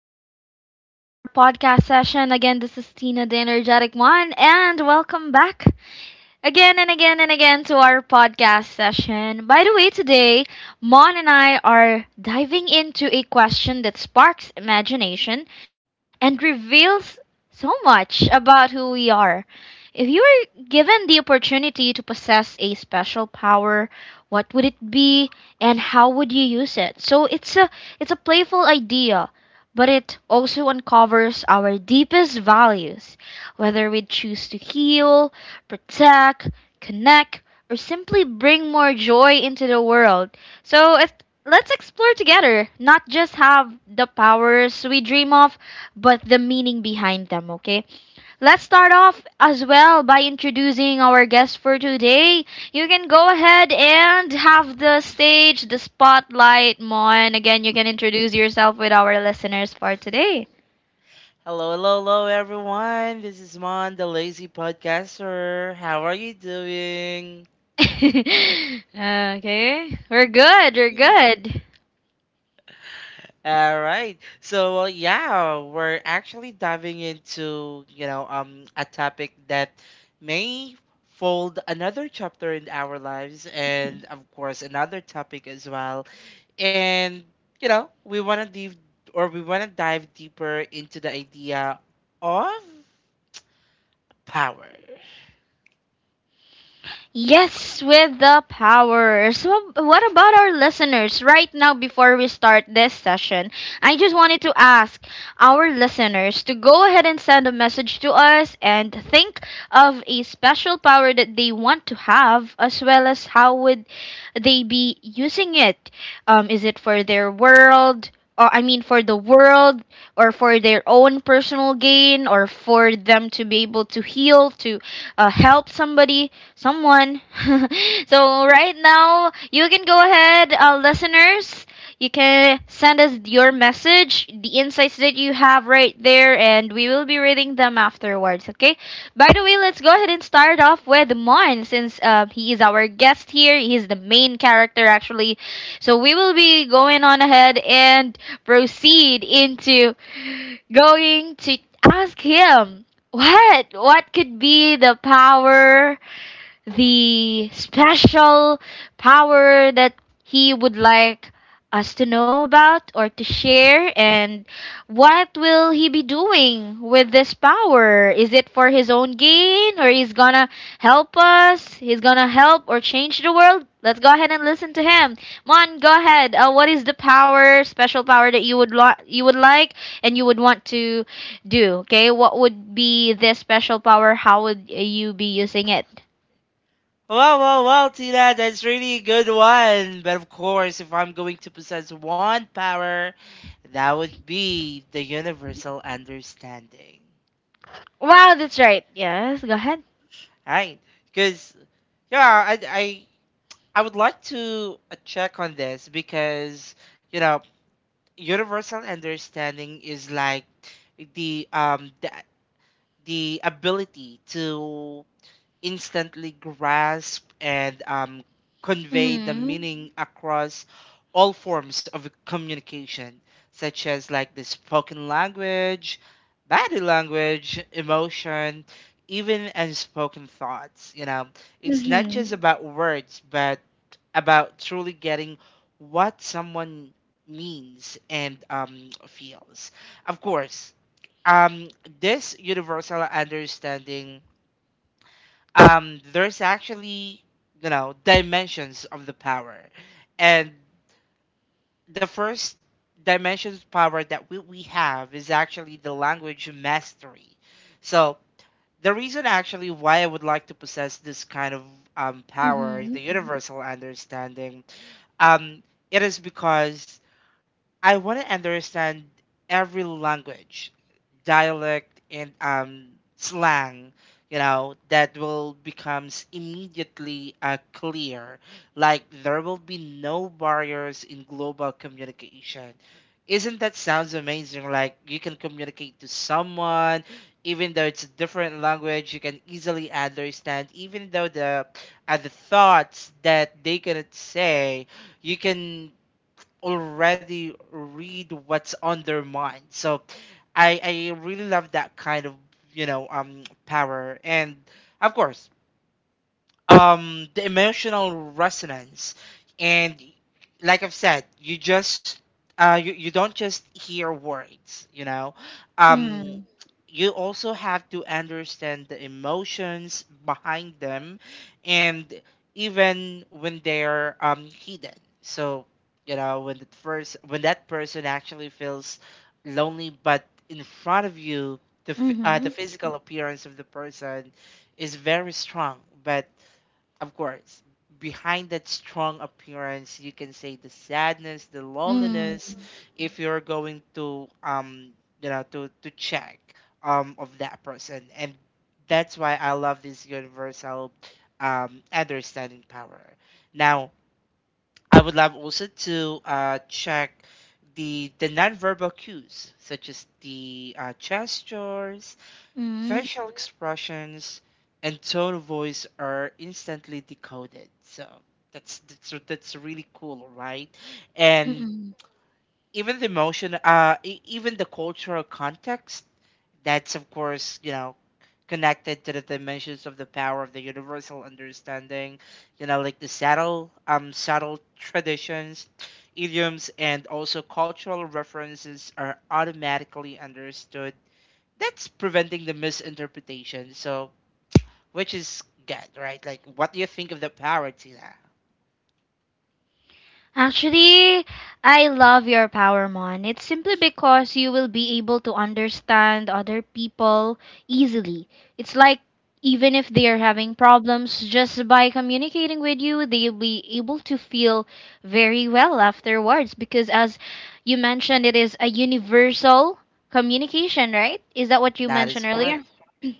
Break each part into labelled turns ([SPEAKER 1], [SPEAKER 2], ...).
[SPEAKER 1] welcome back to our podcast session. Again, this is Tina, the energetic one, and welcome back again and again and again to our podcast session. By the way, today, Mon and I are diving into a question that sparks imagination and reveals so much about who we are. If you were given the opportunity to possess a special power, what would it be and how would you use it? So it's a playful idea, but it also uncovers our deepest values, whether we choose to heal, protect, connect, or simply bring more joy into the world. So it, let's explore together, not just have the powers we dream of, but the meaning behind them, okay? Let's start off as well by introducing our guest for today. You can go ahead and have the stage, the spotlight, Mon. Again, you can introduce yourself with our listeners for today.
[SPEAKER 2] Hello, hello, hello, everyone. This is Mon, the lazy podcaster. How are you doing?
[SPEAKER 1] Okay, we're good, we're good.
[SPEAKER 2] All right. So we're actually diving into, a topic that may fold another chapter in our lives and, of course, another topic as well. And, you know, we want to dive deeper into the idea of power.
[SPEAKER 1] Yes, with the power. So, what about our listeners right now before we start this session? I just wanted to ask our listeners to go ahead and send a message to us and think of a special power that they want to have as well as how would they be using it. Is it for their world? Or, I mean, for the world, or for their own personal gain or for them to be able to heal to help somebody, someone. So right now you can go ahead, listeners, you can send us your message, the insights that you have right there, and we will be reading them afterwards, okay? By the way, let's go ahead and start off with Mon since he is our guest here. He is the main character, actually. So we will be going on ahead and proceed into going to ask him what could be the power, the special power that he would like us to know about or to share, and what will he be doing with this power? Is it for his own gain, or he's gonna help us, he's gonna help or change the world? Let's go ahead and listen to him. Mon, go ahead. What is the power, special power, that you would like and you would want to do? Okay, what would be this special power? How would you be using it?
[SPEAKER 2] Wow, wow, wow, Tina, that's really a good one. But of course, if I'm going to possess one power, that would be the universal understanding.
[SPEAKER 1] Wow, that's right. Yes, go ahead.
[SPEAKER 2] Right? Because, yeah, I would like to check on this because, you know, universal understanding is like the um the, the ability to instantly grasp and convey the
[SPEAKER 1] Mm-hmm.
[SPEAKER 2] meaning across all forms of communication, such as like the spoken language, body language, emotion, even unspoken thoughts. You know, it's not
[SPEAKER 1] Mm-hmm.
[SPEAKER 2] just about words, but about truly getting what someone means and feels. Of course, um, this universal understanding, there's actually, you know, dimensions of the power, and the first dimension of power that we have is actually the language mastery. So the reason actually why I would like to possess this kind of power,
[SPEAKER 1] Mm-hmm.
[SPEAKER 2] the universal understanding, um, it is because I want to understand every language, dialect, and slang, you know, that will becomes immediately clear. Like there will be no barriers in global communication. Isn't that sounds amazing? Like you can communicate to someone, even though it's a different language, you can easily understand. Even though the thoughts that they cannot say, you can already read what's on their mind. So I I really love that kind of, you know, power. And of course, the emotional resonance. And like I've said, you just you don't just hear words, you know, um
[SPEAKER 1] Mm-hmm.
[SPEAKER 2] you also have to understand the emotions behind them, and even when they're hidden. So you know, when the first when that person actually feels lonely, but in front of you, the
[SPEAKER 1] Mm-hmm.
[SPEAKER 2] physical appearance of the person is very strong, but of course, behind that strong appearance, you can say the sadness, the loneliness,
[SPEAKER 1] Mm-hmm.
[SPEAKER 2] if you're going to you know, to check of that person, and that's why I love this universal understanding power. Now, I would love also to check the nonverbal cues, such as the gestures, facial expressions, and tone of voice are instantly decoded. So that's really cool, right? And
[SPEAKER 1] Mm-hmm.
[SPEAKER 2] even the emotion, even the cultural context, that's of course, you know, connected to the dimensions of the power of the universal understanding, you know, like the subtle, subtle traditions. Idioms and also cultural references are automatically understood. That's preventing the misinterpretation. So, which is good, right? Like, what do you think of the parody? That
[SPEAKER 1] Actually, I love your power, Mon. It's simply because you will be able to understand other people easily. It's like even if they are having problems, just by communicating with you, they'll be able to feel very well afterwards. Because as you mentioned, it is a universal communication, right? Is that what you
[SPEAKER 2] that is
[SPEAKER 1] mentioned earlier?
[SPEAKER 2] correct.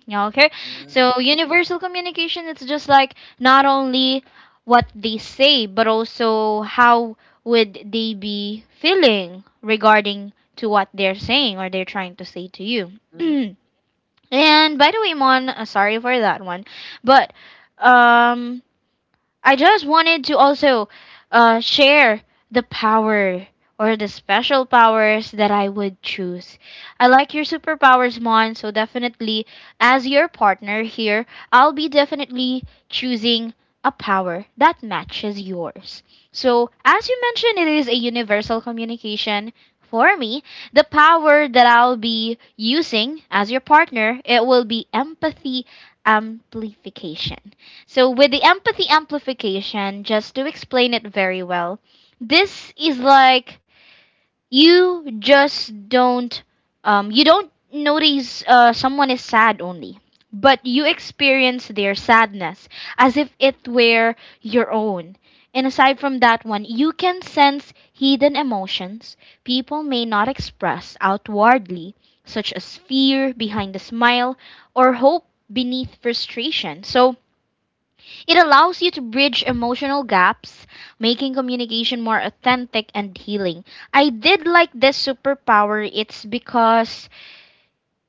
[SPEAKER 1] Yeah, okay. So universal communication, it's just like not only what they say, but also how would they be feeling regarding to what they're saying or they're trying to say to you.
[SPEAKER 2] hmm
[SPEAKER 1] And by the way, Mon, sorry for that one, but um, I just wanted to also share the power or the special powers that I would choose. I like your superpowers, Mon, so definitely, as your partner here, I'll be definitely choosing a power that matches yours. So, as you mentioned, it is a universal communication. For me, the power that I'll be using as your partner, it will be empathy amplification. So, with the empathy amplification, just to explain it very well, this is like you just don't, you don't notice someone is sad only, but you experience their sadness as if it were your own. And aside from that one, you can sense hidden emotions people may not express outwardly, such as fear behind a smile or hope beneath frustration. So, it allows you to bridge emotional gaps, making communication more authentic and healing. I did like this superpower. It's because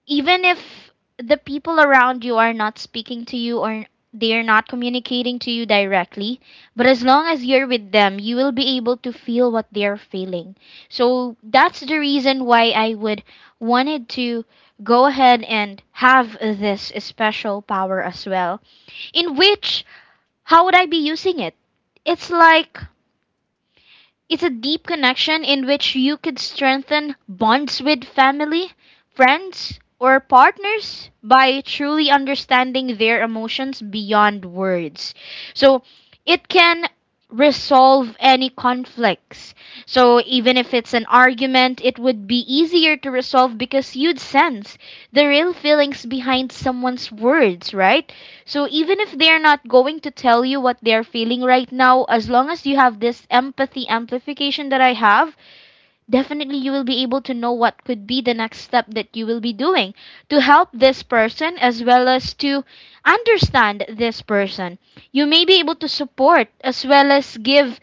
[SPEAKER 1] even if the people around you are not speaking to you or they're not communicating to you directly, but as long as you're with them, you will be able to feel what they're feeling. So that's the reason why I would wanted to go ahead and have this special power as well, in which how would I be using it? It's like, it's a deep connection in which you could strengthen bonds with family, friends, or partners by truly understanding their emotions beyond words. So it can resolve any conflicts. So even if it's an argument, it would be easier to resolve because you'd sense the real feelings behind someone's words, right? So even if they're not going to tell you what they're feeling right now, as long as you have this empathy amplification that I have, definitely you will be able to know what could be the next step that you will be doing to help this person as well as to understand this person. You may be able to support as well as give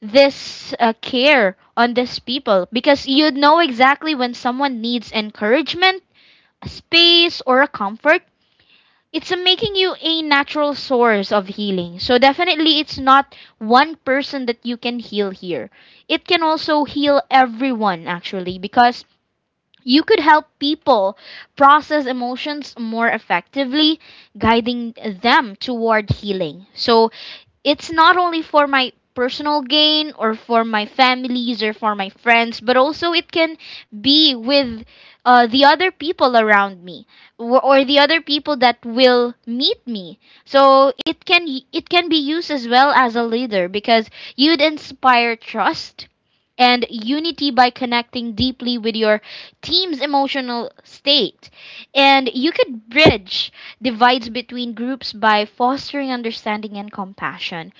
[SPEAKER 1] this care on these people because you know exactly when someone needs encouragement, a space, or a comfort, it's making you a natural source of healing. So definitely it's not one person that you can heal here. It can also heal everyone actually because you could help people process emotions more effectively, guiding them toward healing. So it's not only for my personal gain or for my families or for my friends, but also it can be with the other people around me or the other people that will meet me. So it can be used as well as a leader because you'd inspire trust and unity by connecting deeply with your team's emotional state. And you could bridge divides between groups by fostering understanding and compassion.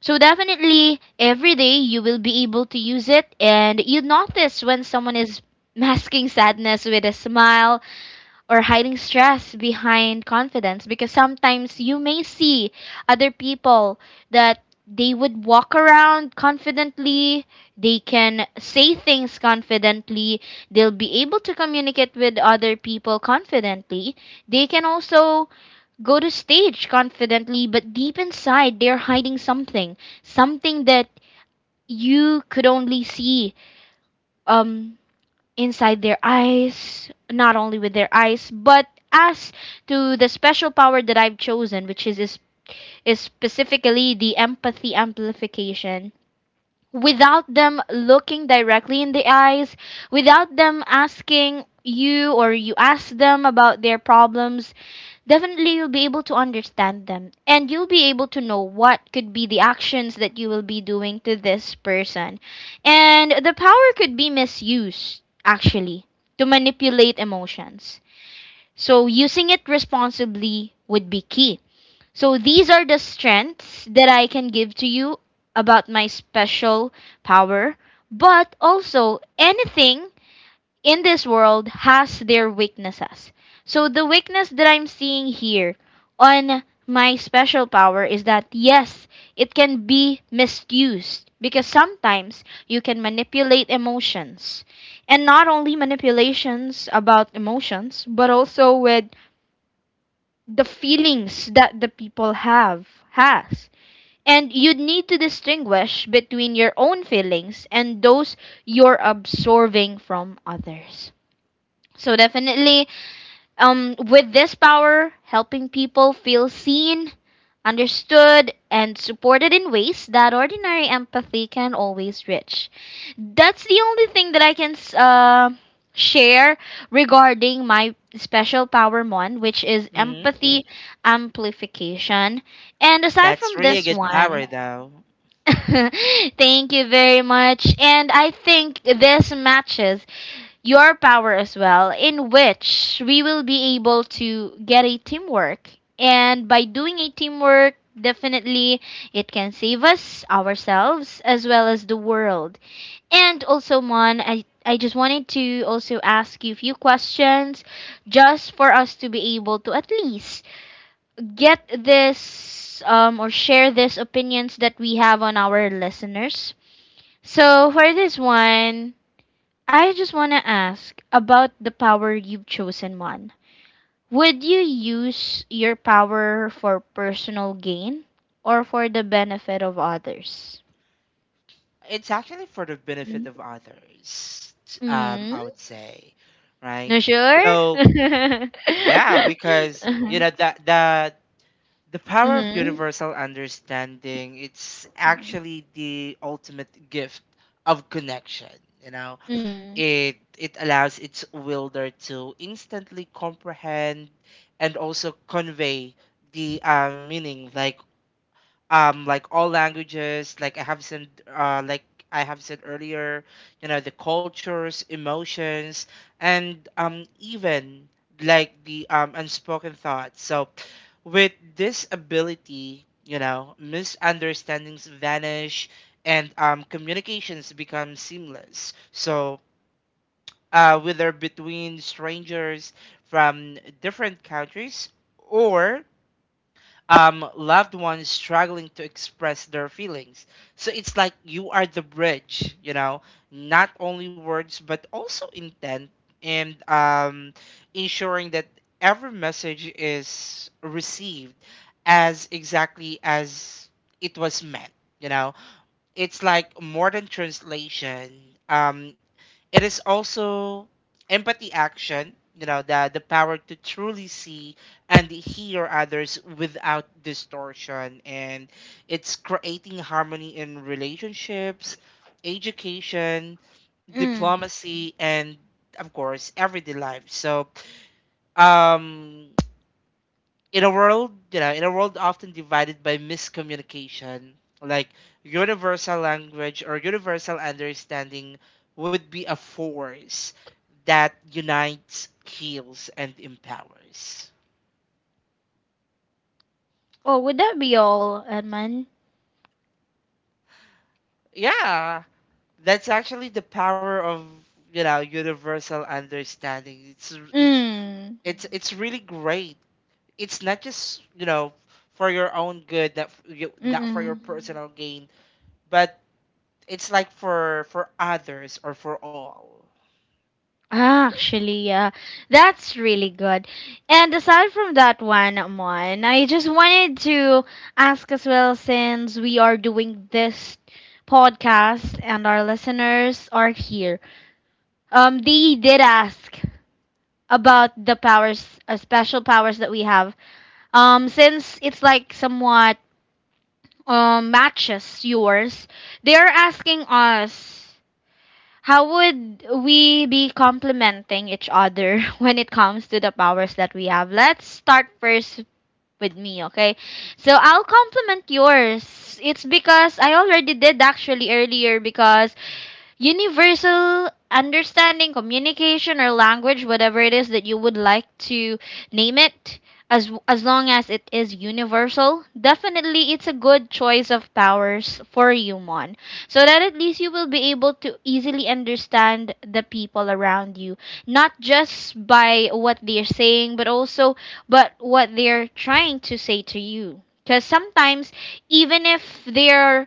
[SPEAKER 1] So, definitely, every day you will be able to use it, and you notice when someone is masking sadness with a smile or hiding stress behind confidence, because sometimes you may see other people that they would walk around confidently, they can say things confidently, they'll be able to communicate with other people confidently. They can also go to stage confidently, but deep inside they're hiding something, something that you could only see um inside their eyes, not only with their eyes, but as to the special power that I've chosen, which is specifically the empathy amplification. Without them looking directly in the eyes, without them asking you or you ask them about their problems, definitely you'll be able to understand them and you'll be able to know what could be the actions that you will be doing to this person. And the power could be misused, actually, to manipulate emotions. So using it responsibly would be key. So these are the strengths that I can give to you about my special power, but also anything in this world has their weaknesses. So the weakness that I'm seeing here on my special power is that yes, it can be misused because sometimes you can manipulate emotions. And not only manipulations about emotions, but also with the feelings that the people have has. And you need to distinguish between your own feelings and those you're absorbing from others. So definitely, with this power, helping people feel seen, understood, and supported in ways that ordinary empathy can always reach. That's the only thing that I can share regarding my special power, Mon, which is
[SPEAKER 2] hmm
[SPEAKER 1] empathy amplification. And aside
[SPEAKER 2] That's
[SPEAKER 1] from
[SPEAKER 2] really a
[SPEAKER 1] this
[SPEAKER 2] good parody,
[SPEAKER 1] one,
[SPEAKER 2] though.
[SPEAKER 1] thank you very much. And I think this matches your power as well, in which we will be able to get a teamwork. And by doing a teamwork, definitely it can save us, ourselves, as well as the world. And also, Mon, I just wanted to also ask you a few questions just for us to be able to at least get this or share these opinions that we have on our listeners. So, for this one, I just want to ask about the power you've chosen, Mon. Would you use your power for personal gain or for the benefit of others?
[SPEAKER 2] It's actually for the benefit
[SPEAKER 1] Mm.
[SPEAKER 2] of others.
[SPEAKER 1] Mm?
[SPEAKER 2] I would say, right?
[SPEAKER 1] Not sure?
[SPEAKER 2] So
[SPEAKER 1] Uh-huh.
[SPEAKER 2] yeah, because you know the
[SPEAKER 1] Mm.
[SPEAKER 2] power of
[SPEAKER 1] Mm.
[SPEAKER 2] universal understanding, it's actually the ultimate gift of connection, you know.
[SPEAKER 1] Mm.
[SPEAKER 2] It allows its wielder to instantly comprehend and also convey the meaning, like all languages, like I have said, uh like I have said earlier, you know, the cultures, emotions, and even like the unspoken thoughts. So with this ability, you know, misunderstandings vanish and communications become seamless. So whether between strangers from different countries or loved ones struggling to express their feelings. So it's like you are the bridge, you know, not only words but also intent and, ensuring that every message is received as exactly as it was meant. You know, it's like more than translation. Um, it is also empathy action. You know, the power to truly see and hear others without distortion, and it's creating harmony in relationships, education,
[SPEAKER 1] Mm.
[SPEAKER 2] diplomacy, and of course, everyday life. So, um, in a world, often divided by miscommunication, like universal language or universal understanding would be a force that unites, heals, and empowers.
[SPEAKER 1] Oh, would that be all, Edmund?
[SPEAKER 2] Yeah, that's actually the power of, you know, universal understanding. It's it's
[SPEAKER 1] Mm.
[SPEAKER 2] it's it's really great. It's not just, you know, for your own good, not for your
[SPEAKER 1] Mm-mm.
[SPEAKER 2] personal gain, but it's like for others or for all.
[SPEAKER 1] Actually, yeah, that's really good. And aside from that one, Mon, I just wanted to ask as well since we are doing this podcast and our listeners are here. They did ask about the powers, special powers that we have. Since it's like somewhat matches yours, they are asking us. How would we be complementing each other when it comes to the powers that we have? Let's start first with me, okay? So I'll compliment yours. It's because I already did actually earlier because universal understanding, communication, or language, whatever it is that you would like to name it, as long as it is universal, definitely it's a good choice of powers for you, Mon. So that at least you will be able to easily understand the people around you, not just by what they're saying, but also but what they're trying to say to you. Because sometimes, even if they're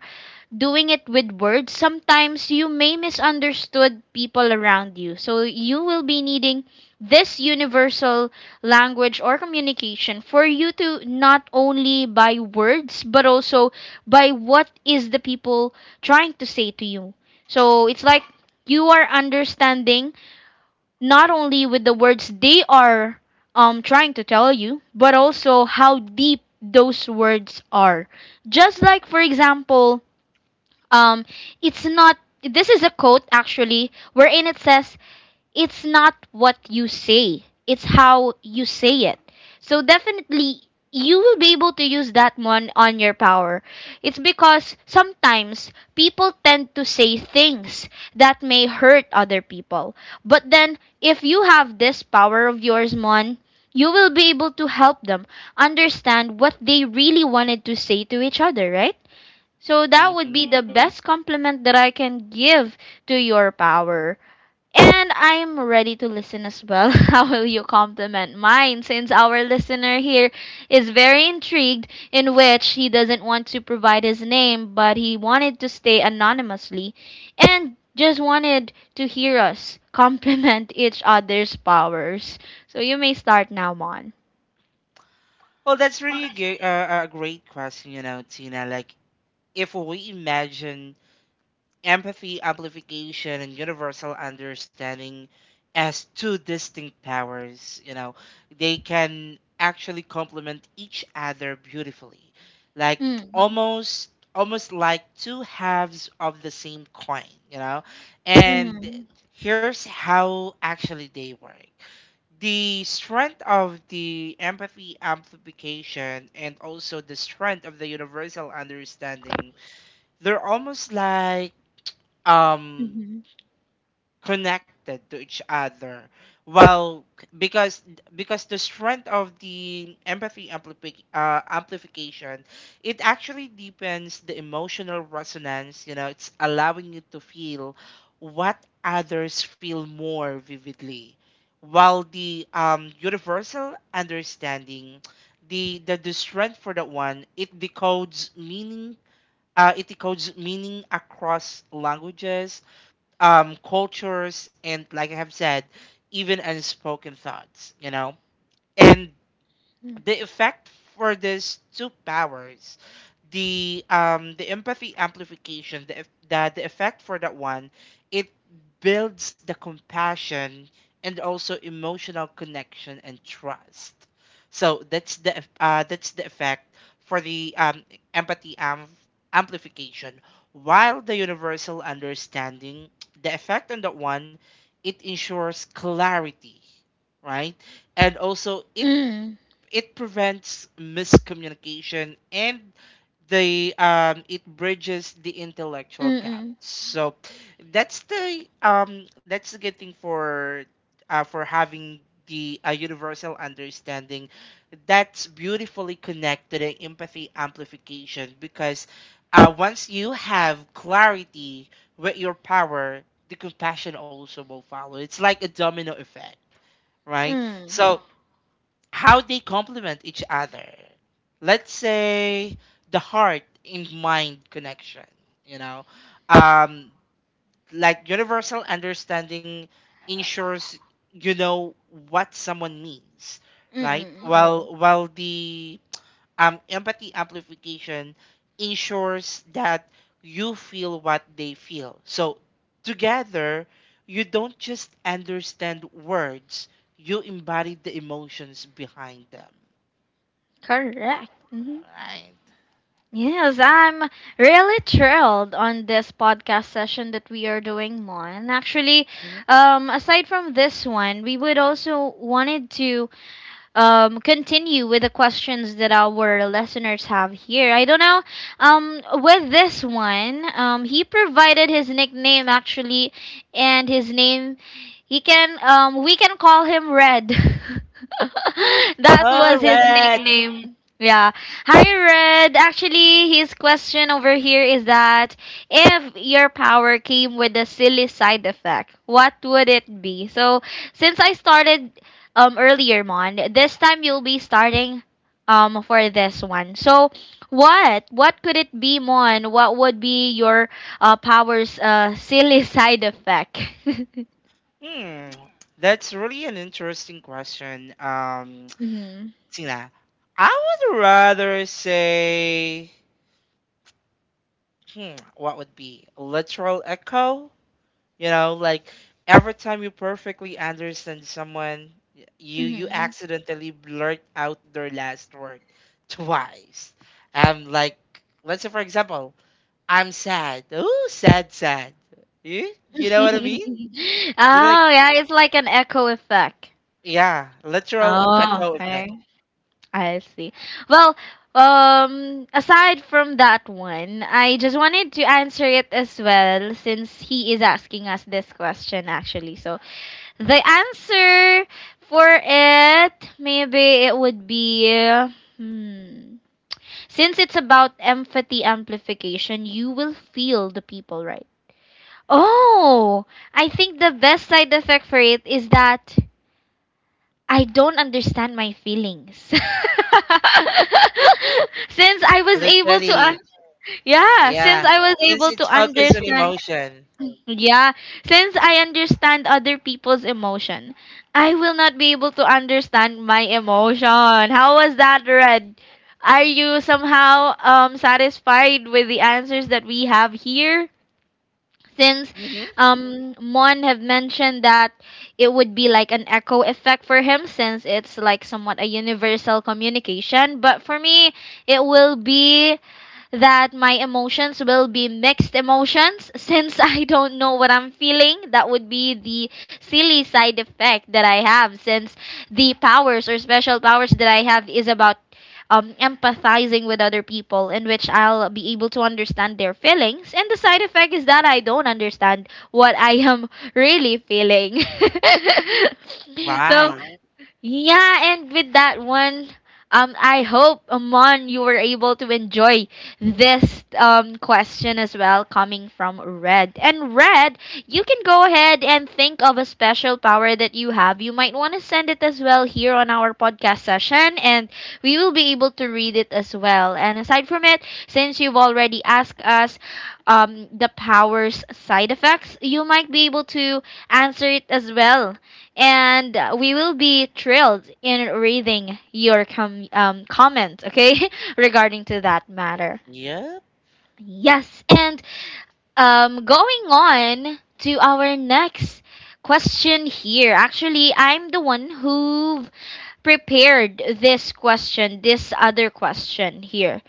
[SPEAKER 1] doing it with words, sometimes you may misunderstood people around you. So you will be needing this universal language or communication for you to not only by words but also by what is the people trying to say to you. So it's like you are understanding not only with the words they are trying to tell you, but also how deep those words are. Just like for example, um, it's not, this is a quote actually, wherein it says, it's not what you say, it's how you say it. So definitely, you will be able to use that one on your power. It's because sometimes people tend to say things that may hurt other people. But then, if you have this power of yours, Mon, you will be able to help them understand what they really wanted to say to each other, right? So that would be
[SPEAKER 2] hmm
[SPEAKER 1] the best compliment that I can give to your power. And I'm ready to listen as well. How will you compliment mine since our listener here is very intrigued in which he doesn't want to provide his name but he wanted to stay anonymously and just wanted to hear us compliment each other's powers. So you may start now, Mon.
[SPEAKER 2] Well, that's really a great question, you know, Tina. Like, if we imagine empathy, amplification, and universal understanding as two distinct powers. You know, they can actually complement each other beautifully, like
[SPEAKER 1] Mm.
[SPEAKER 2] almost almost like two halves of the same coin. You know, and
[SPEAKER 1] Mm.
[SPEAKER 2] here's how actually they work. The strength of the empathy amplification and also the strength of the universal understanding, they're almost like um
[SPEAKER 1] Mm.
[SPEAKER 2] connected to each other. Well, because because the strength of the amplification, it actually deepens the emotional resonance. You know, it's allowing you to feel what others feel more vividly, while the universal understanding, the strength for that one, it decodes meaning. It decodes meaning across languages, cultures, and like I have said, even unspoken thoughts, you know? And
[SPEAKER 1] Mm.
[SPEAKER 2] the effect for these two powers, the empathy amplification, the effect for that one, it builds the compassion and also emotional connection and trust. So that's that's the effect for the, empathy amplification, while the universal understanding, the effect on that one, it ensures clarity, right? And also it
[SPEAKER 1] Mm.
[SPEAKER 2] it prevents miscommunication and the it bridges the intellectual gap.
[SPEAKER 1] Mm.
[SPEAKER 2] So that's the, that's the good thing for, for having the, universal understanding, that's beautifully connected in empathy amplification. Because once you have clarity with your power, the compassion also will follow. It's like a domino effect, right?
[SPEAKER 1] Mm.
[SPEAKER 2] So how they complement each other. Let's say the heart and mind connection, you know. Um, like universal understanding ensures, you know, what someone means, right? Mm-hmm.
[SPEAKER 1] Mm-mm.
[SPEAKER 2] While the empathy amplification ensures that you feel what they feel. So together, you don't just understand words, you embody the emotions behind them.
[SPEAKER 1] Correct.
[SPEAKER 2] Right.
[SPEAKER 1] Yes, I'm really thrilled on this podcast session that we are doing, Mon. Actually,
[SPEAKER 2] Mhm.
[SPEAKER 1] aside from this one, we would also wanted to continue with the questions that our listeners have here. I don't know. With this one, he provided his nickname actually, and his name, he can, we can call him Red. That
[SPEAKER 2] All
[SPEAKER 1] was his
[SPEAKER 2] right.
[SPEAKER 1] nickname. Yeah. Hi, Red. Actually, his question over here is that if your power came with a silly side effect, what would it be? So, since I started earlier, Mon. This time you'll be starting for this one. So what could it be, Mon? What would be your powers silly side effect?
[SPEAKER 2] Hmm. That's really an interesting question.
[SPEAKER 1] Mm-hmm.
[SPEAKER 2] Tina, I would rather say, hmm, what would be literal echo? You know, like every time you perfectly understand someone, you
[SPEAKER 1] Mm-hmm.
[SPEAKER 2] accidentally blurt out their last word twice. Like let's say for example, I'm sad. Oh, sad, sad. You know what I mean?
[SPEAKER 1] Oh
[SPEAKER 2] You know, like,
[SPEAKER 1] yeah, it's like an echo effect.
[SPEAKER 2] yeah, literal
[SPEAKER 1] Oh,
[SPEAKER 2] echo effect.
[SPEAKER 1] okay. I see. Well, aside from that one, I just wanted to answer it as well since he is asking us this question actually. So, the answer for it, maybe it would be hmm. Since it's about empathy amplification, you will feel the people, right? Oh, I think the best side effect for it is that I don't understand my feelings. Since I was able to un-
[SPEAKER 2] Literally,
[SPEAKER 1] yeah, since
[SPEAKER 2] yeah.
[SPEAKER 1] I was
[SPEAKER 2] Since
[SPEAKER 1] able to
[SPEAKER 2] it's focused on
[SPEAKER 1] understand.
[SPEAKER 2] emotion.
[SPEAKER 1] Yeah, since I understand other people's emotion, I will not be able to understand my emotion. How was that, Red? Are you somehow satisfied with the answers that we have here? Since
[SPEAKER 2] hmm
[SPEAKER 1] Mon have mentioned that it would be like an echo effect for him since it's like somewhat a universal communication, but for me it will be that my emotions will be mixed emotions since I don't know what I'm feeling. That would be the silly side effect that I have since the powers or special powers that I have is about empathizing with other people in which I'll be able to understand their feelings. And the side effect is that I don't understand what I am really feeling. So
[SPEAKER 2] Right.
[SPEAKER 1] yeah, and with that one, I hope Amon you were able to enjoy this question as well coming from Red. And Red, you can go ahead and think of a special power that you have. You might want to send it as well here on our podcast session, and we will be able to read it as well. And aside from it, since you've already asked us the powers side effects, you might be able to answer it as well and we will be thrilled in reading your comments, okay, regarding to that matter.
[SPEAKER 2] Yep.
[SPEAKER 1] Yes, and going on to our next question here. Actually, I'm the one who prepared this question, this other question here.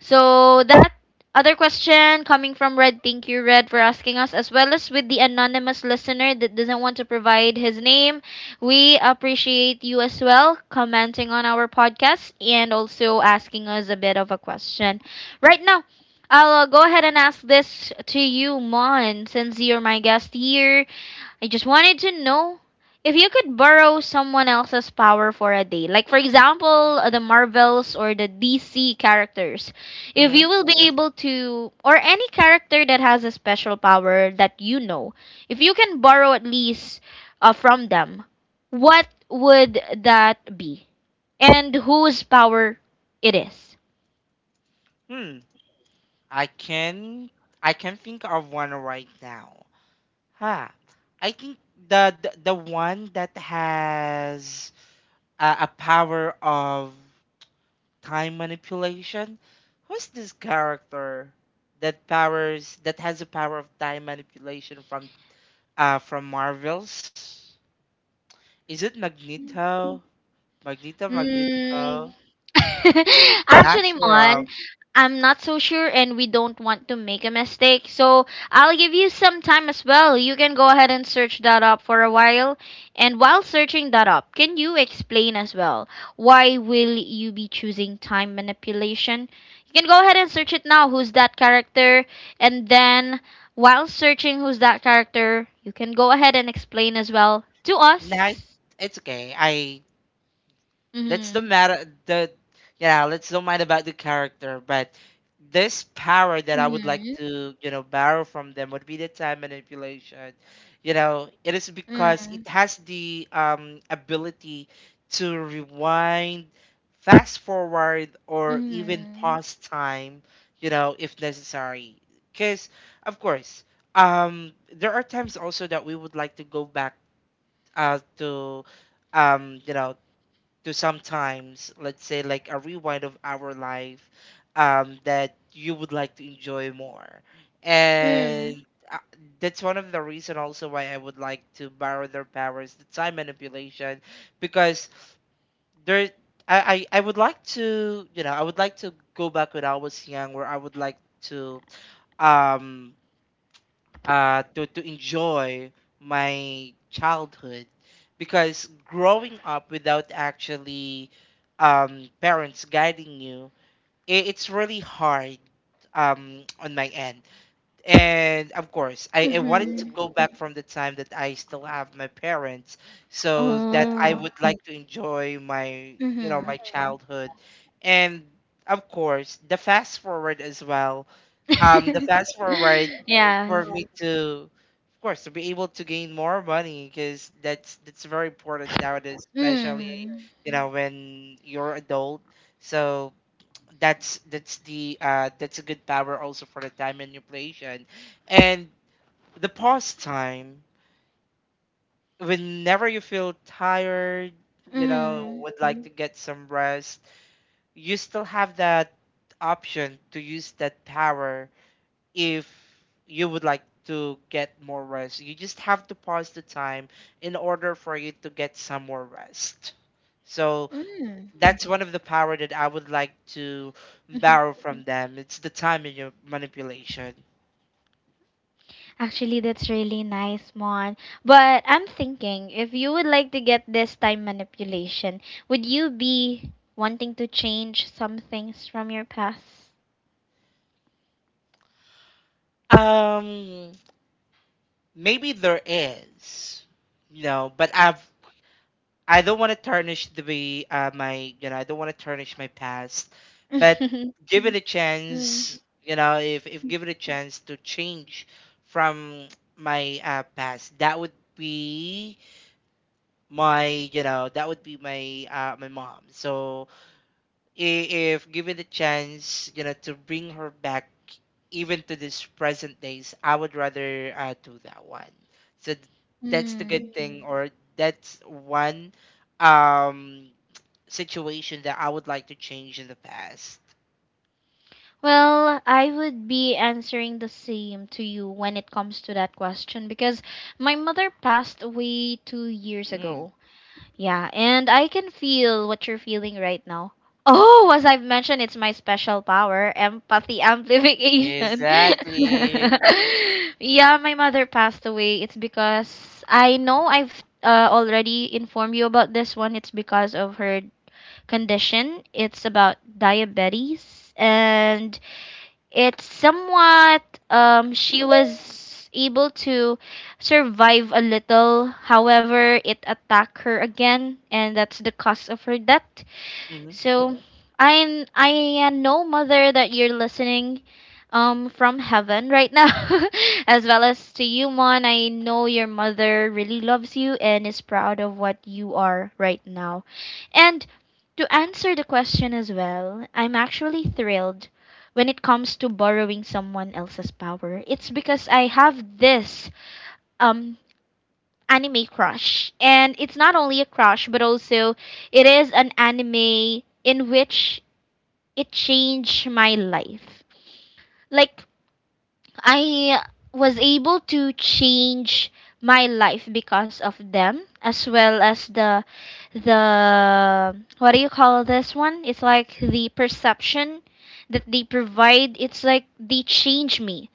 [SPEAKER 1] So that other question coming from Red. Thank you, Red, for asking us, as well as with the anonymous listener that doesn't want to provide his name. We appreciate you as well commenting on our podcast and also asking us a bit of a question. Right now, I'll go ahead and ask this to you, Mon, since you're my guest here. I just wanted to know if you could borrow someone else's power for a day. Like, for example, the Marvels or the DC characters. If you
[SPEAKER 2] hmm
[SPEAKER 1] will be able to, or any character that has a special power that you know, if you can borrow at least from them, what would that be? And whose power it is?
[SPEAKER 2] Hmm. I can I can think of one right now. Huh. I think the one that has a power of time manipulation. Who's this character that powers, that has a power of time manipulation from Marvels? Is it Magneto? Magneto,
[SPEAKER 1] Mm,
[SPEAKER 2] Magnetico? Not
[SPEAKER 1] actually, Mon,
[SPEAKER 2] sure.
[SPEAKER 1] I'm not so sure, and we don't want to make a mistake. So I'll give you some time as well. You can go ahead and search that up for a while. And while searching that up, can you explain as well why will you be choosing time manipulation? You can go ahead and search it now. Who's that character? And then while searching who's that character, you can go ahead and explain as well to us.
[SPEAKER 2] Not, it's okay. I That's the
[SPEAKER 1] Mm-hmm.
[SPEAKER 2] matter. The yeah, let's don't mind about the character, but this power that I would like to, you know, borrow from them would be the time manipulation. You know, it is because
[SPEAKER 1] Mm.
[SPEAKER 2] it has the ability to rewind, fast forward, or even
[SPEAKER 1] Mhm.
[SPEAKER 2] pause time. You know, if necessary, because of course, there are times also that we would like to go back, to you know to sometimes, let's say, like a rewind of our life, that you would like to enjoy more.
[SPEAKER 1] Mm.
[SPEAKER 2] And uh, that's one of the reason also why I would like to borrow their powers, the time manipulation. Because there I, I would like to, you know, I would like to go back when I was young, where I would like to um to enjoy my childhood, because growing up without actually, parents guiding you, I it's really hard, on my end. And of course, I wanted to
[SPEAKER 1] Mhm.
[SPEAKER 2] go back from the time that I still have my parents, so that I
[SPEAKER 1] Oh.
[SPEAKER 2] would like to enjoy my, you know,
[SPEAKER 1] Mhm.
[SPEAKER 2] my childhood. And of course, the fast forward as well. um the fast forward
[SPEAKER 1] Yes.
[SPEAKER 2] for me to, of course, to be able to gain more money, because that's very important nowadays, especially,
[SPEAKER 1] Mm.
[SPEAKER 2] you know, when you're adult. So that's a good power also for the time manipulation. And the pause time, whenever you feel tired, you know,
[SPEAKER 1] Mm.
[SPEAKER 2] would like to get some rest, you still have that option to use that power. If you would like to get more rest, you just have to pause the time in order for you to get some more rest. So
[SPEAKER 1] Mm.
[SPEAKER 2] that's one of the power that I would like to
[SPEAKER 1] Mhm.
[SPEAKER 2] borrow from them. It's the time in your manipulation.
[SPEAKER 1] Actually, that's really nice, Mon. But I'm thinking, if you would like to get this time manipulation, would you be wanting to change some things from your past?
[SPEAKER 2] Um, Maybe there is, you know, but I don't want to tarnish the way my you know I don't want to tarnish my past, but give it a
[SPEAKER 1] mm.
[SPEAKER 2] chance. You know, if given a chance to change from my past, that would be my you know that would be my my mom. So if given the chance, you know, to bring her back even to this present days, I would rather do that one. So th- that's the
[SPEAKER 1] Mm.
[SPEAKER 2] good thing. Mm. Or that's one um, situation that I would like to change in the past.
[SPEAKER 1] Well, I would be answering the same to you when it comes to that question because my mother passed away two years
[SPEAKER 2] Mm,
[SPEAKER 1] ago. Yeah, and I can feel what you're feeling right now. Oh, as I've mentioned, it's my special power, empathy amplification.
[SPEAKER 2] exactly.
[SPEAKER 1] Yeah, my mother passed away. It's because I know I've already informed you about this one. It's because of her condition. It's about diabetes and it's somewhat she was able to survive a little, however it attacked her again and that's the cause of her death.
[SPEAKER 2] Mm-hmm,
[SPEAKER 1] So I know, Mother, that you're listening from heaven right now. As well as to you, Mon, I know your mother really loves you and is proud of what you are right now. And to answer the question as well, I'm actually thrilled when it comes to borrowing someone else's power. It's because I have this um anime crush, and it's not only a crush but also it is an anime in which it changed my life. Like, I was able to change my life because of them, as well as the what do you call this one? It's like the perception that they provide. It's like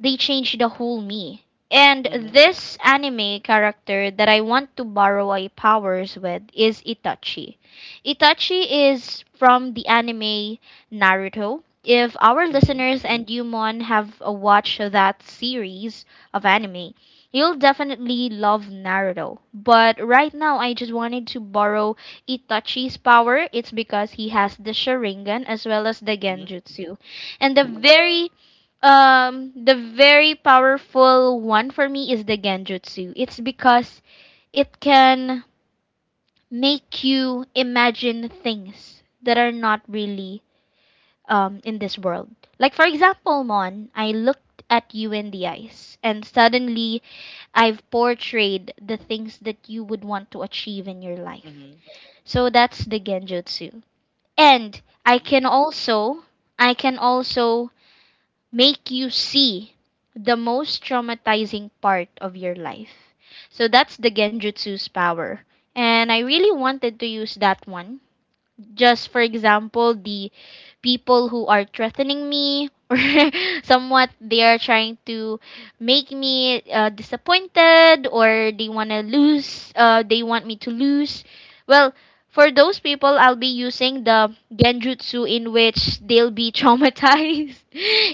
[SPEAKER 1] they changed the whole me. And
[SPEAKER 2] mm-hmm,
[SPEAKER 1] this anime character that I want to borrow my powers with is Itachi. Itachi is from the anime Naruto. If our
[SPEAKER 2] mm-hmm,
[SPEAKER 1] listeners and you, Mon, have watched that series of anime, you'll definitely love Naruto. But right now I just wanted to borrow Itachi's power. It's because he has the Sharingan as well as the
[SPEAKER 2] mm-hmm,
[SPEAKER 1] Genjutsu. And the very powerful one for me is the Genjutsu. It's because it can make you imagine things that are not really in this world. Like, for example, Mon, I looked at you in the eyes, and suddenly I've portrayed the things that you would want to achieve in your life.
[SPEAKER 2] mm-hmm.
[SPEAKER 1] So that's the Genjutsu. And
[SPEAKER 2] See.
[SPEAKER 1] I can also make you see the most traumatizing part of your life. So that's the Genjutsu's power. And I really wanted to use that one. Just for example, the people who are threatening me or somewhat they are trying to make me disappointed, or they want to lose they want me to lose. Well, for those people I'll be using the Genjutsu, in which they'll be traumatized.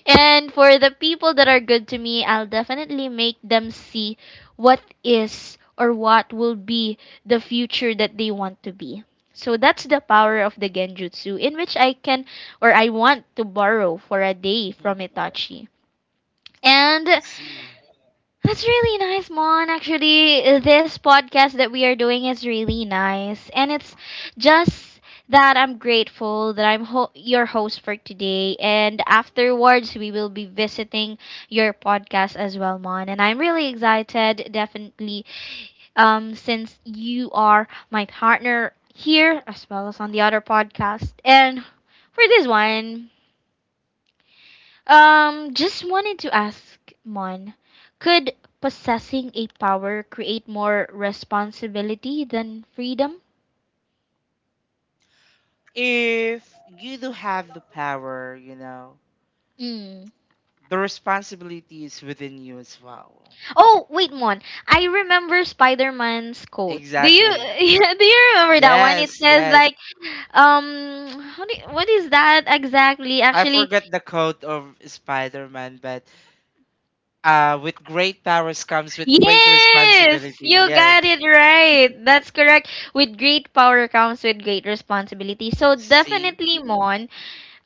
[SPEAKER 1] And for the people that are good to me, I'll definitely make them see what is or what will be the future that they want to be. So that's the power of the Genjutsu, in which I can or I want to borrow for a day from
[SPEAKER 2] Mm-hmm.
[SPEAKER 1] Itachi. And
[SPEAKER 2] I see.
[SPEAKER 1] that's really nice, Mon. Actually, this podcast that we are doing is really nice. And it's just that I'm grateful that I'm your host for today. And afterwards, we will be visiting your podcast as well, Mon. And I'm really excited, definitely, since you are my partner here as well as on the other podcast. And for this one, just wanted to ask Mon, could possessing a power create more responsibility than freedom?
[SPEAKER 2] If you do have the power, you know,
[SPEAKER 1] Mm.
[SPEAKER 2] the responsibility is within you as well.
[SPEAKER 1] Oh, wait, Mon. I remember Spider-Man's quote. Do you
[SPEAKER 2] Exactly.
[SPEAKER 1] do you remember that one? It
[SPEAKER 2] Yes,
[SPEAKER 1] says
[SPEAKER 2] yes.
[SPEAKER 1] like um what is that exactly?
[SPEAKER 2] I
[SPEAKER 1] Actually,
[SPEAKER 2] forgot the quote of Spider Man, but with great powers comes with great
[SPEAKER 1] Yes,
[SPEAKER 2] responsibility.
[SPEAKER 1] you got
[SPEAKER 2] Yes.
[SPEAKER 1] it right. That's correct. With great power comes with great responsibility. So
[SPEAKER 2] See?
[SPEAKER 1] definitely, Mon,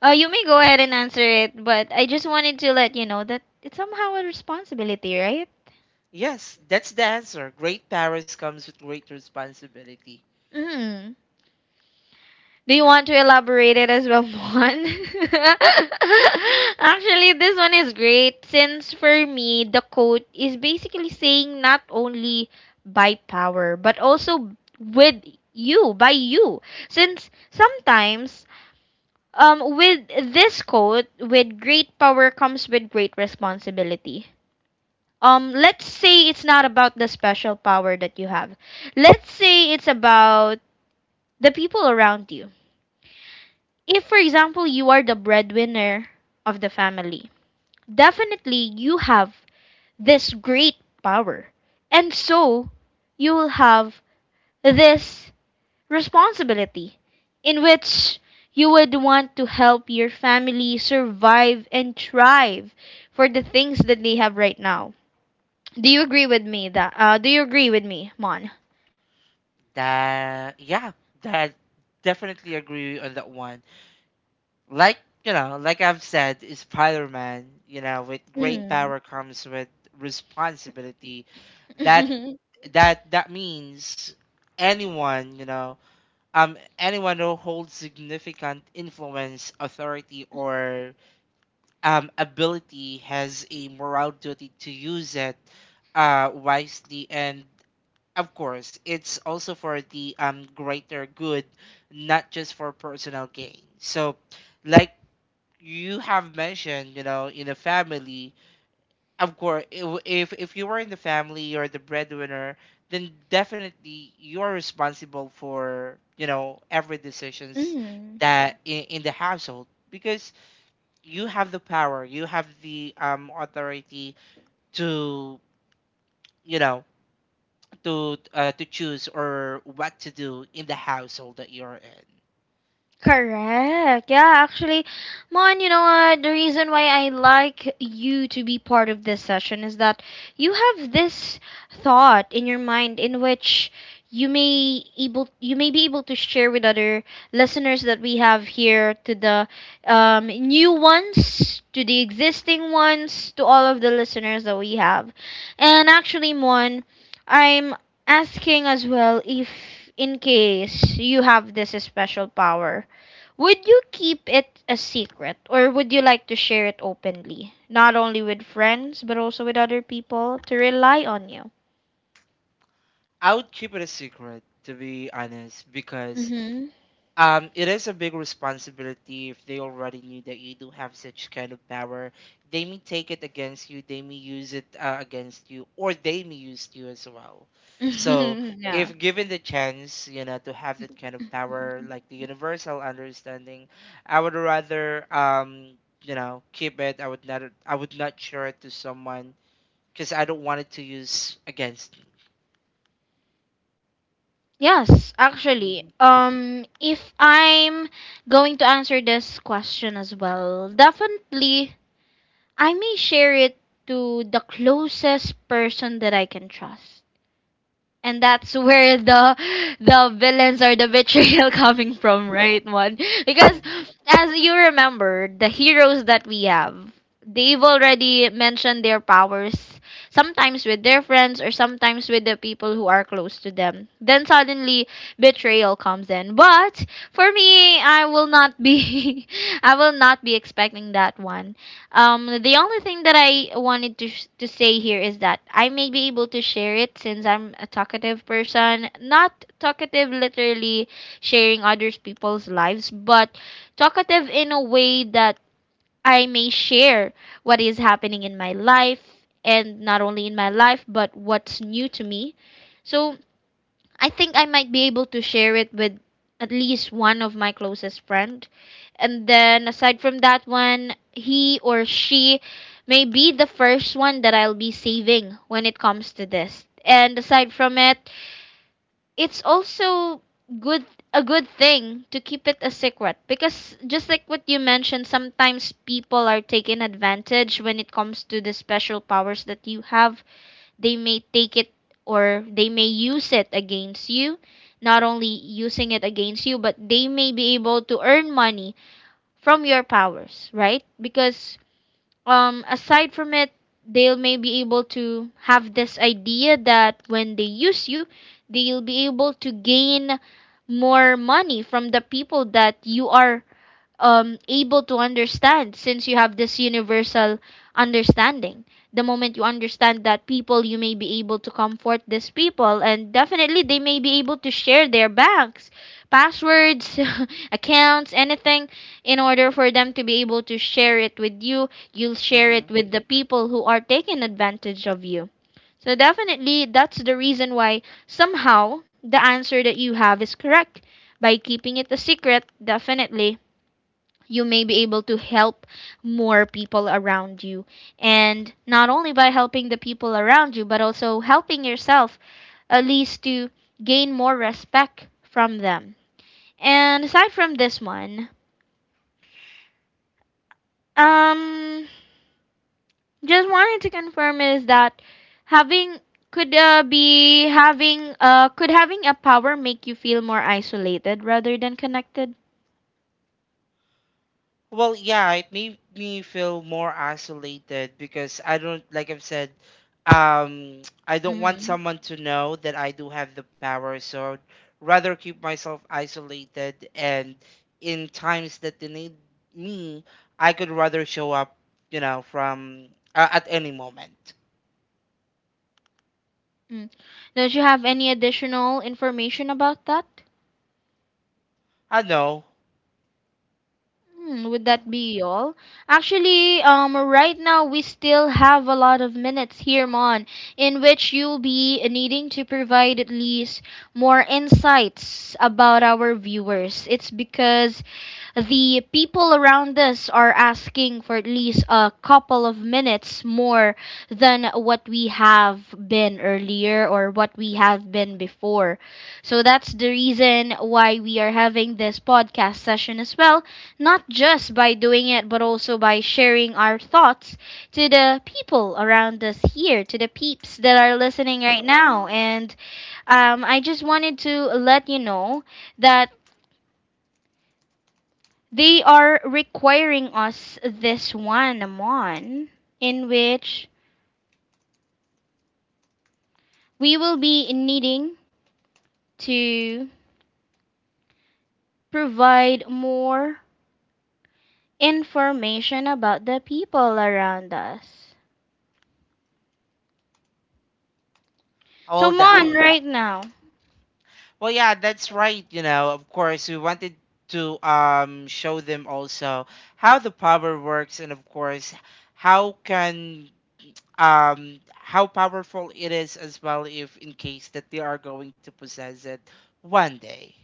[SPEAKER 1] you may go ahead and answer it, but I just wanted to let you know that it's somehow a responsibility, right?
[SPEAKER 2] Yes, that's the answer. Great powers comes with great responsibility.
[SPEAKER 1] Mm. Do you want to elaborate it as well, Mon? Actually, this one is great since for me, the quote is basically saying not only by power, but also with you, by you. Since sometimes, with this quote, with great power comes with great responsibility. Let's say it's not about the special power that you have. Let's say it's about the people around you. If, for example, you are the breadwinner of the family, definitely you have this great power, and so you will have this responsibility in which you would want to help your family survive and thrive for the things that they have right now. Do you agree with me that do you agree with me, Mon?
[SPEAKER 2] That, yeah, that definitely agree on that one. Like, you know, like I've said, is Spider-Man. You know, with great
[SPEAKER 1] Mm.
[SPEAKER 2] power comes with responsibility. That that means anyone, you know, anyone who holds significant influence, authority, or ability has a moral duty to use it wisely. And of course, it's also for the greater good, not just for personal gain. So, like you have mentioned, you know, in a family, of course, if you were in the family, you're the breadwinner, then definitely you're responsible for, you know, every decisions
[SPEAKER 1] Mm.
[SPEAKER 2] that in the household, because you have the power, you have the authority to, you know, to choose or what to do in the household that you're in.
[SPEAKER 1] Correct. Yeah, actually, Mon, you know what? The reason why I like you to be part of this session is that you have this thought in your mind in which you may be able to share with other listeners that we have here, to the new ones, to the existing ones, to all of the listeners that we have. And actually, Mon, I'm asking as well if in case you have this special power, would you keep it a secret or would you like to share it openly, not only with friends but also with other people to rely on you?
[SPEAKER 2] I would keep it a secret, to be honest, because
[SPEAKER 1] Mm-hmm.
[SPEAKER 2] um, it is a big responsibility if they already knew that you do have such kind of power. They may take it against you, they may use it against you, or they may use you as well. So,
[SPEAKER 1] Yeah.
[SPEAKER 2] if given the chance, you know, to have that kind of power, like the universal understanding, I would rather, you know, keep it. I would not share it to someone because I don't want it to use against me.
[SPEAKER 1] Yes, actually.
[SPEAKER 2] Hmm.
[SPEAKER 1] If I'm going to answer this question as well, definitely I may share it to the closest person that I can trust. And that's where the villains or the betrayal coming from, right, one? Because
[SPEAKER 2] Hmm.
[SPEAKER 1] as you remember, the heroes that we have, they've already mentioned their powers sometimes with their friends or sometimes with the people who are close to them. Then suddenly betrayal comes in. But for me, I will not be I will not be expecting that one. The only thing that I wanted to to say here is that I may be able to share it since I'm a talkative person. Not talkative literally sharing others people's lives, but talkative in a way that I may share what is happening in my life, and not only in my life but what's new to me. So I think I might be able to share it with at least one of my closest friend. And then aside from that one, he or she may be the first one that I'll be saving when it comes to this. And aside from it, it's also good a good thing to keep it a secret, because just like what you mentioned, sometimes people are taken advantage when it comes to the special powers that you have. They may take it or they may use it against you. Not only using it against you, but they may be able to earn money from your powers, right? Because aside from it, they'll may be able to have this idea that when they use you, they'll be able to gain more money from the people that you are able to understand, since you have this universal understanding. The moment you understand that people, you may be able to comfort these people, and definitely they may be able to share their banks, passwords, accounts, anything, in order for them to be able to share it with you. You'll share
[SPEAKER 2] Mm-hmm.
[SPEAKER 1] it with the people who are taking advantage of you. So definitely that's the reason why somehow the answer that you have is correct. By keeping it a secret, definitely you may be able to help more people around you. And not only by helping the people around you, but also helping yourself, at least to gain more respect from them. And aside from this one, um, just wanted to confirm is that having having could having a power make you feel more isolated rather than connected?
[SPEAKER 2] Well, yeah, it made me feel more isolated because I don't, like I've said, um, I don't want
[SPEAKER 1] Mm-hmm.
[SPEAKER 2] someone to know that I do have the power. So I'd rather keep myself isolated. And in times that they need me, I could rather show up, you know, from at any moment.
[SPEAKER 1] Mm-hmm. Don't you have any additional information about that?
[SPEAKER 2] I know.
[SPEAKER 1] Hmm, would that be all? Actually, right now we still have a lot of minutes here, Mon, in which you'll be needing to provide at least more insights about our viewers. It's because the people around us are asking for at least a couple of minutes more than what we have been earlier or what we have been before. So that's the reason why we are having this podcast session as well, not just by doing it, but also by sharing our thoughts to the people around us here, to the peeps that are listening right now. And I just wanted to let you know that they are requiring us this one month in which we will be needing to provide more information about the people around us.
[SPEAKER 2] How
[SPEAKER 1] So,
[SPEAKER 2] old?
[SPEAKER 1] Mon, right now.
[SPEAKER 2] Well, yeah, that's right. You know, of course, we wanted to show them also how the power works, and of course, how can how powerful it is as well, if in case that they are going to possess it one day.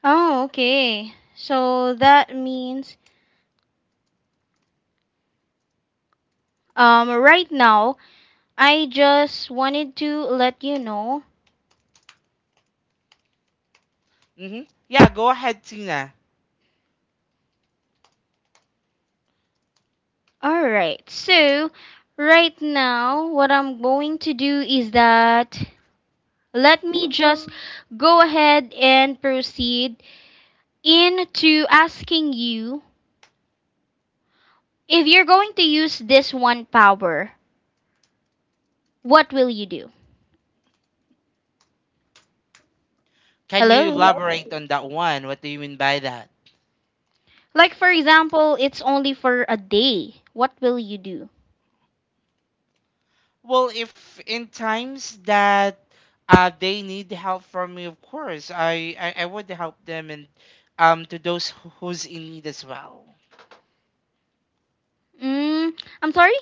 [SPEAKER 1] Oh, okay. So that means right now I just wanted to let you know.
[SPEAKER 2] Hmm. Yeah, go ahead, Tina.
[SPEAKER 1] All right. So, right now what I'm going to do is that let me just go ahead and proceed into asking you, if you're going to use this one power, what will you do?
[SPEAKER 2] Can you, oh,
[SPEAKER 1] Hello?
[SPEAKER 2] elaborate on that one? What do you mean by that?
[SPEAKER 1] Like, for example, it's only for a day. What will you do?
[SPEAKER 2] Well, if in times that they need help from me, of course, I would help them, and to those who- who's in need as well.
[SPEAKER 1] Mm, I'm sorry?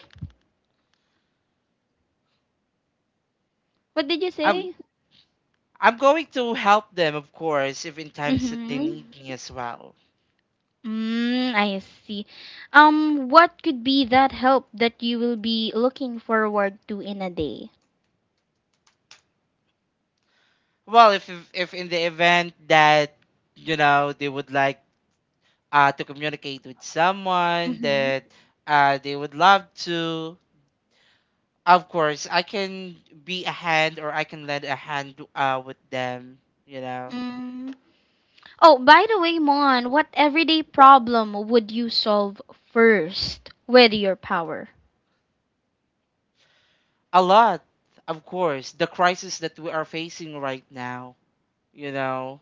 [SPEAKER 1] What did you
[SPEAKER 2] I'm
[SPEAKER 1] say?
[SPEAKER 2] I'm going to help them, of course, if in times that they
[SPEAKER 1] Mm-hmm.
[SPEAKER 2] need me as well.
[SPEAKER 1] Mm, I see. What could be that help that you will be looking forward to in a day?
[SPEAKER 2] Well, if in the event that, you know, they would like to communicate with someone
[SPEAKER 1] Mm-hmm.
[SPEAKER 2] that they would love to, of course, I can be a hand, or I can lend a hand with them, you know.
[SPEAKER 1] Mm. Oh, by the way, Mon, what everyday problem would you solve first with your power?
[SPEAKER 2] A lot. Of course, the crisis that we are facing right now, you know,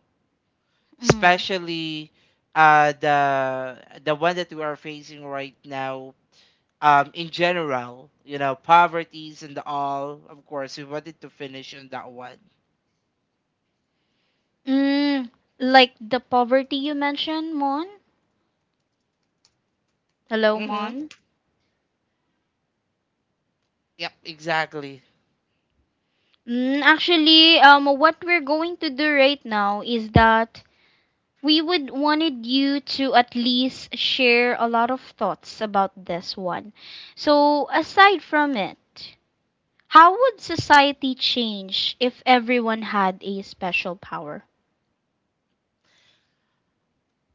[SPEAKER 1] Mm.
[SPEAKER 2] especially uh, the the one that we are facing right now, in general, you know, poverties and all. Of course, we wanted to finish on that one.
[SPEAKER 1] Mm, like the poverty you mentioned, Mon? Hello,
[SPEAKER 2] Mm-hmm.
[SPEAKER 1] Mon?
[SPEAKER 2] Yep, exactly.
[SPEAKER 1] Mm, actually, what we're going to do right now is that we would wanted you to at least share a lot of thoughts about this one. So, aside from it, how would society change if everyone had a special power?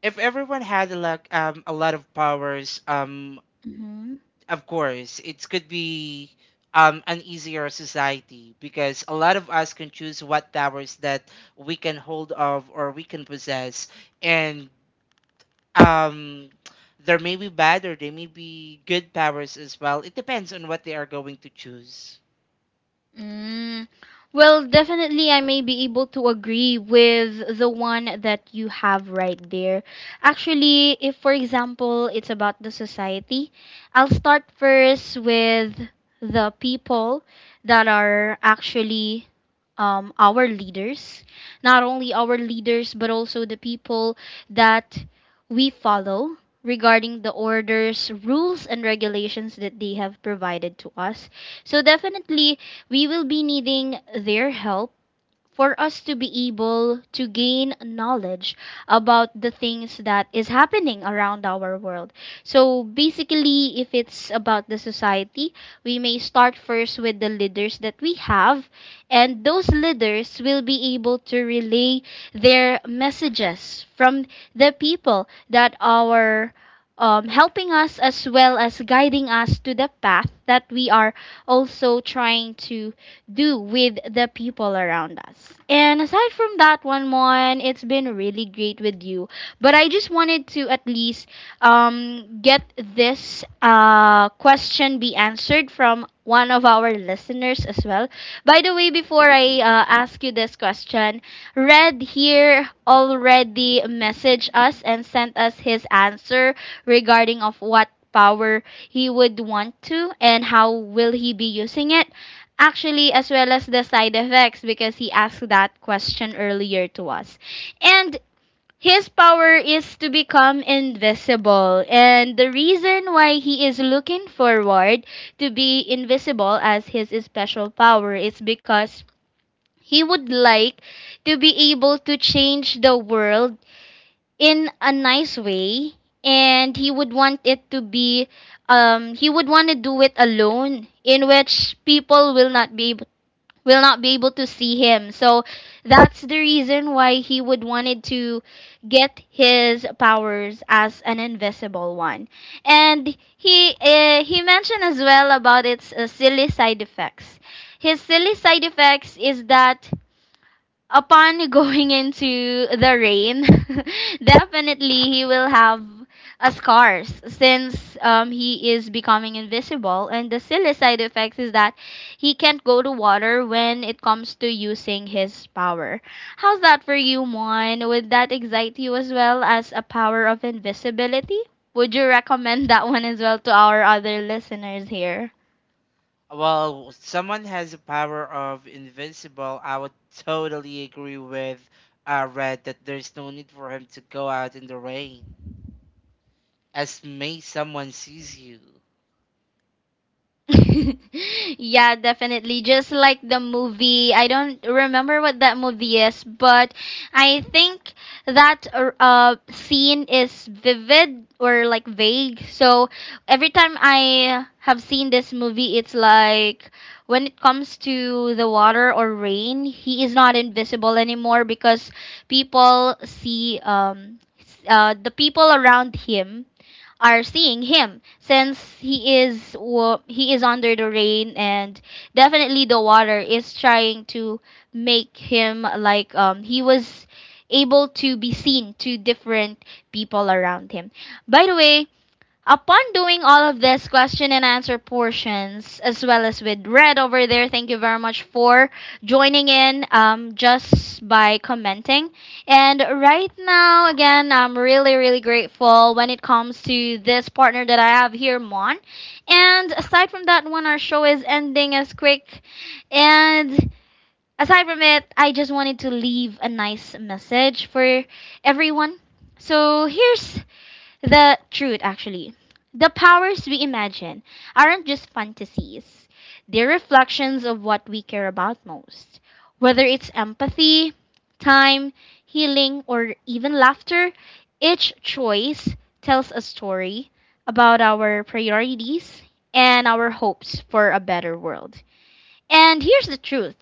[SPEAKER 2] If everyone had a lot of powers, of course, it could be an easier society because a lot of us can choose what powers that we can hold of or we can possess, and um, there may be bad or there may be good powers as well. It depends on what they are going to choose.
[SPEAKER 1] Mm. Well, definitely, I may be able to agree with the one that you have right there. Actually, if for example it's about the society, I'll start first with the people that are actually our leaders, not only our leaders, but also the people that we follow regarding the orders, rules, and regulations that they have provided to us. So, definitely, we will be needing their help for us to be able to gain knowledge about the things that is happening around our world. So basically, if it's about the society, we may start first with the leaders that we have, and those leaders will be able to relay their messages from the people that are helping us as well as guiding us to the path that we are also trying to do with the people around us. And aside from that one, Mon, it's been really great with you. But I just wanted to at least get this question be answered from one of our listeners as well. By the way, before I ask you this question, Red here already messaged us and sent us his answer regarding of what power he would want to and how will he be using it, actually, as well as the side effects, because he asked that question earlier to us. And his power is to become invisible, and the reason why he is looking forward to be invisible as his special power is because he would like to be able to change the world in a nice way, and he would want it to be he would want to do it alone, in which people will not be able will not be able to see him. So that's the reason why he would wanted to get his powers as an invisible one. And he mentioned as well about its silly side effects. His silly side effects is that upon going into the rain, definitely he will have a scars since he is becoming invisible. And the silly side effects is that he can't go to water when it comes to using his power. How's that for you, Mon? Would that excite you as well as a power of invisibility? Would you recommend that one as well to our other listeners here?
[SPEAKER 2] Well, someone has a power of invincible. I would totally agree with Red that there's no need for him to go out in the rain, as may someone sees you.
[SPEAKER 1] Yeah, definitely. Just like the movie, I don't remember what that movie is, but I think that scene is vivid or like vague. So every time I have seen this movie, it's like when it comes to the water or rain, he is not invisible anymore because the people around him are seeing him, since he is he is under the rain, and definitely the water is trying to make him like he was able to be seen to different people around him. By the way, upon doing all of this question and answer portions, as well as with Red over there, thank you very much for joining in, just by commenting. And right now, again, I'm really, really grateful when it comes to this partner that I have here, Mon. And aside from that one, our show is ending as quick. And aside from it, I just wanted to leave a nice message for everyone. So here's the truth, actually. The powers we imagine aren't just fantasies, they're reflections of what we care about most. Whether it's empathy, time, healing, or even laughter, each choice tells a story about our priorities and our hopes for a better world. And here's the truth.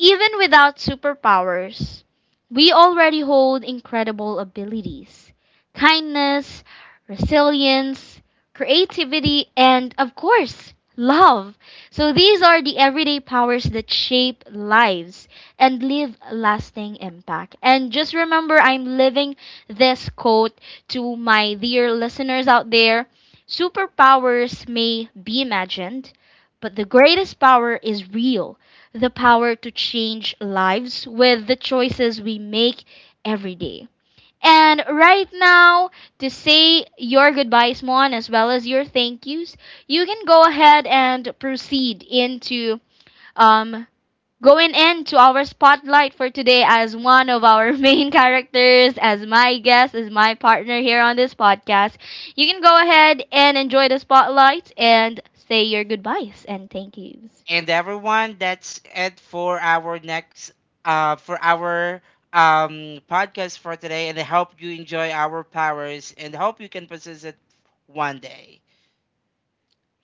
[SPEAKER 1] Even without superpowers, we already hold incredible abilities: kindness, resilience, creativity, and of course, love. So these are the everyday powers that shape lives and leave lasting impact. And just remember, I'm living this quote to my dear listeners out there: superpowers may be imagined, but the greatest power is real, the power to change lives with the choices we make every day. And right now, to say your goodbyes, Mon, as well as your thank yous, you can go ahead and proceed into um going into our spotlight for today, as one of our main characters, as my guest, as my partner here on this podcast. You can go ahead and enjoy the spotlight and say your goodbyes and thank yous.
[SPEAKER 2] And everyone, that's it for our next for our podcast for today, and I hope you enjoy our powers and hope you can possess it one day.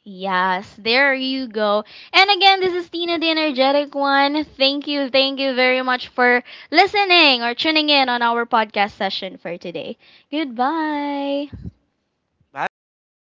[SPEAKER 1] Yes, there you go. And again, this is Tina the Energetic One. Thank you very much for listening or tuning in on our podcast session for today. Goodbye.
[SPEAKER 2] Bye bye.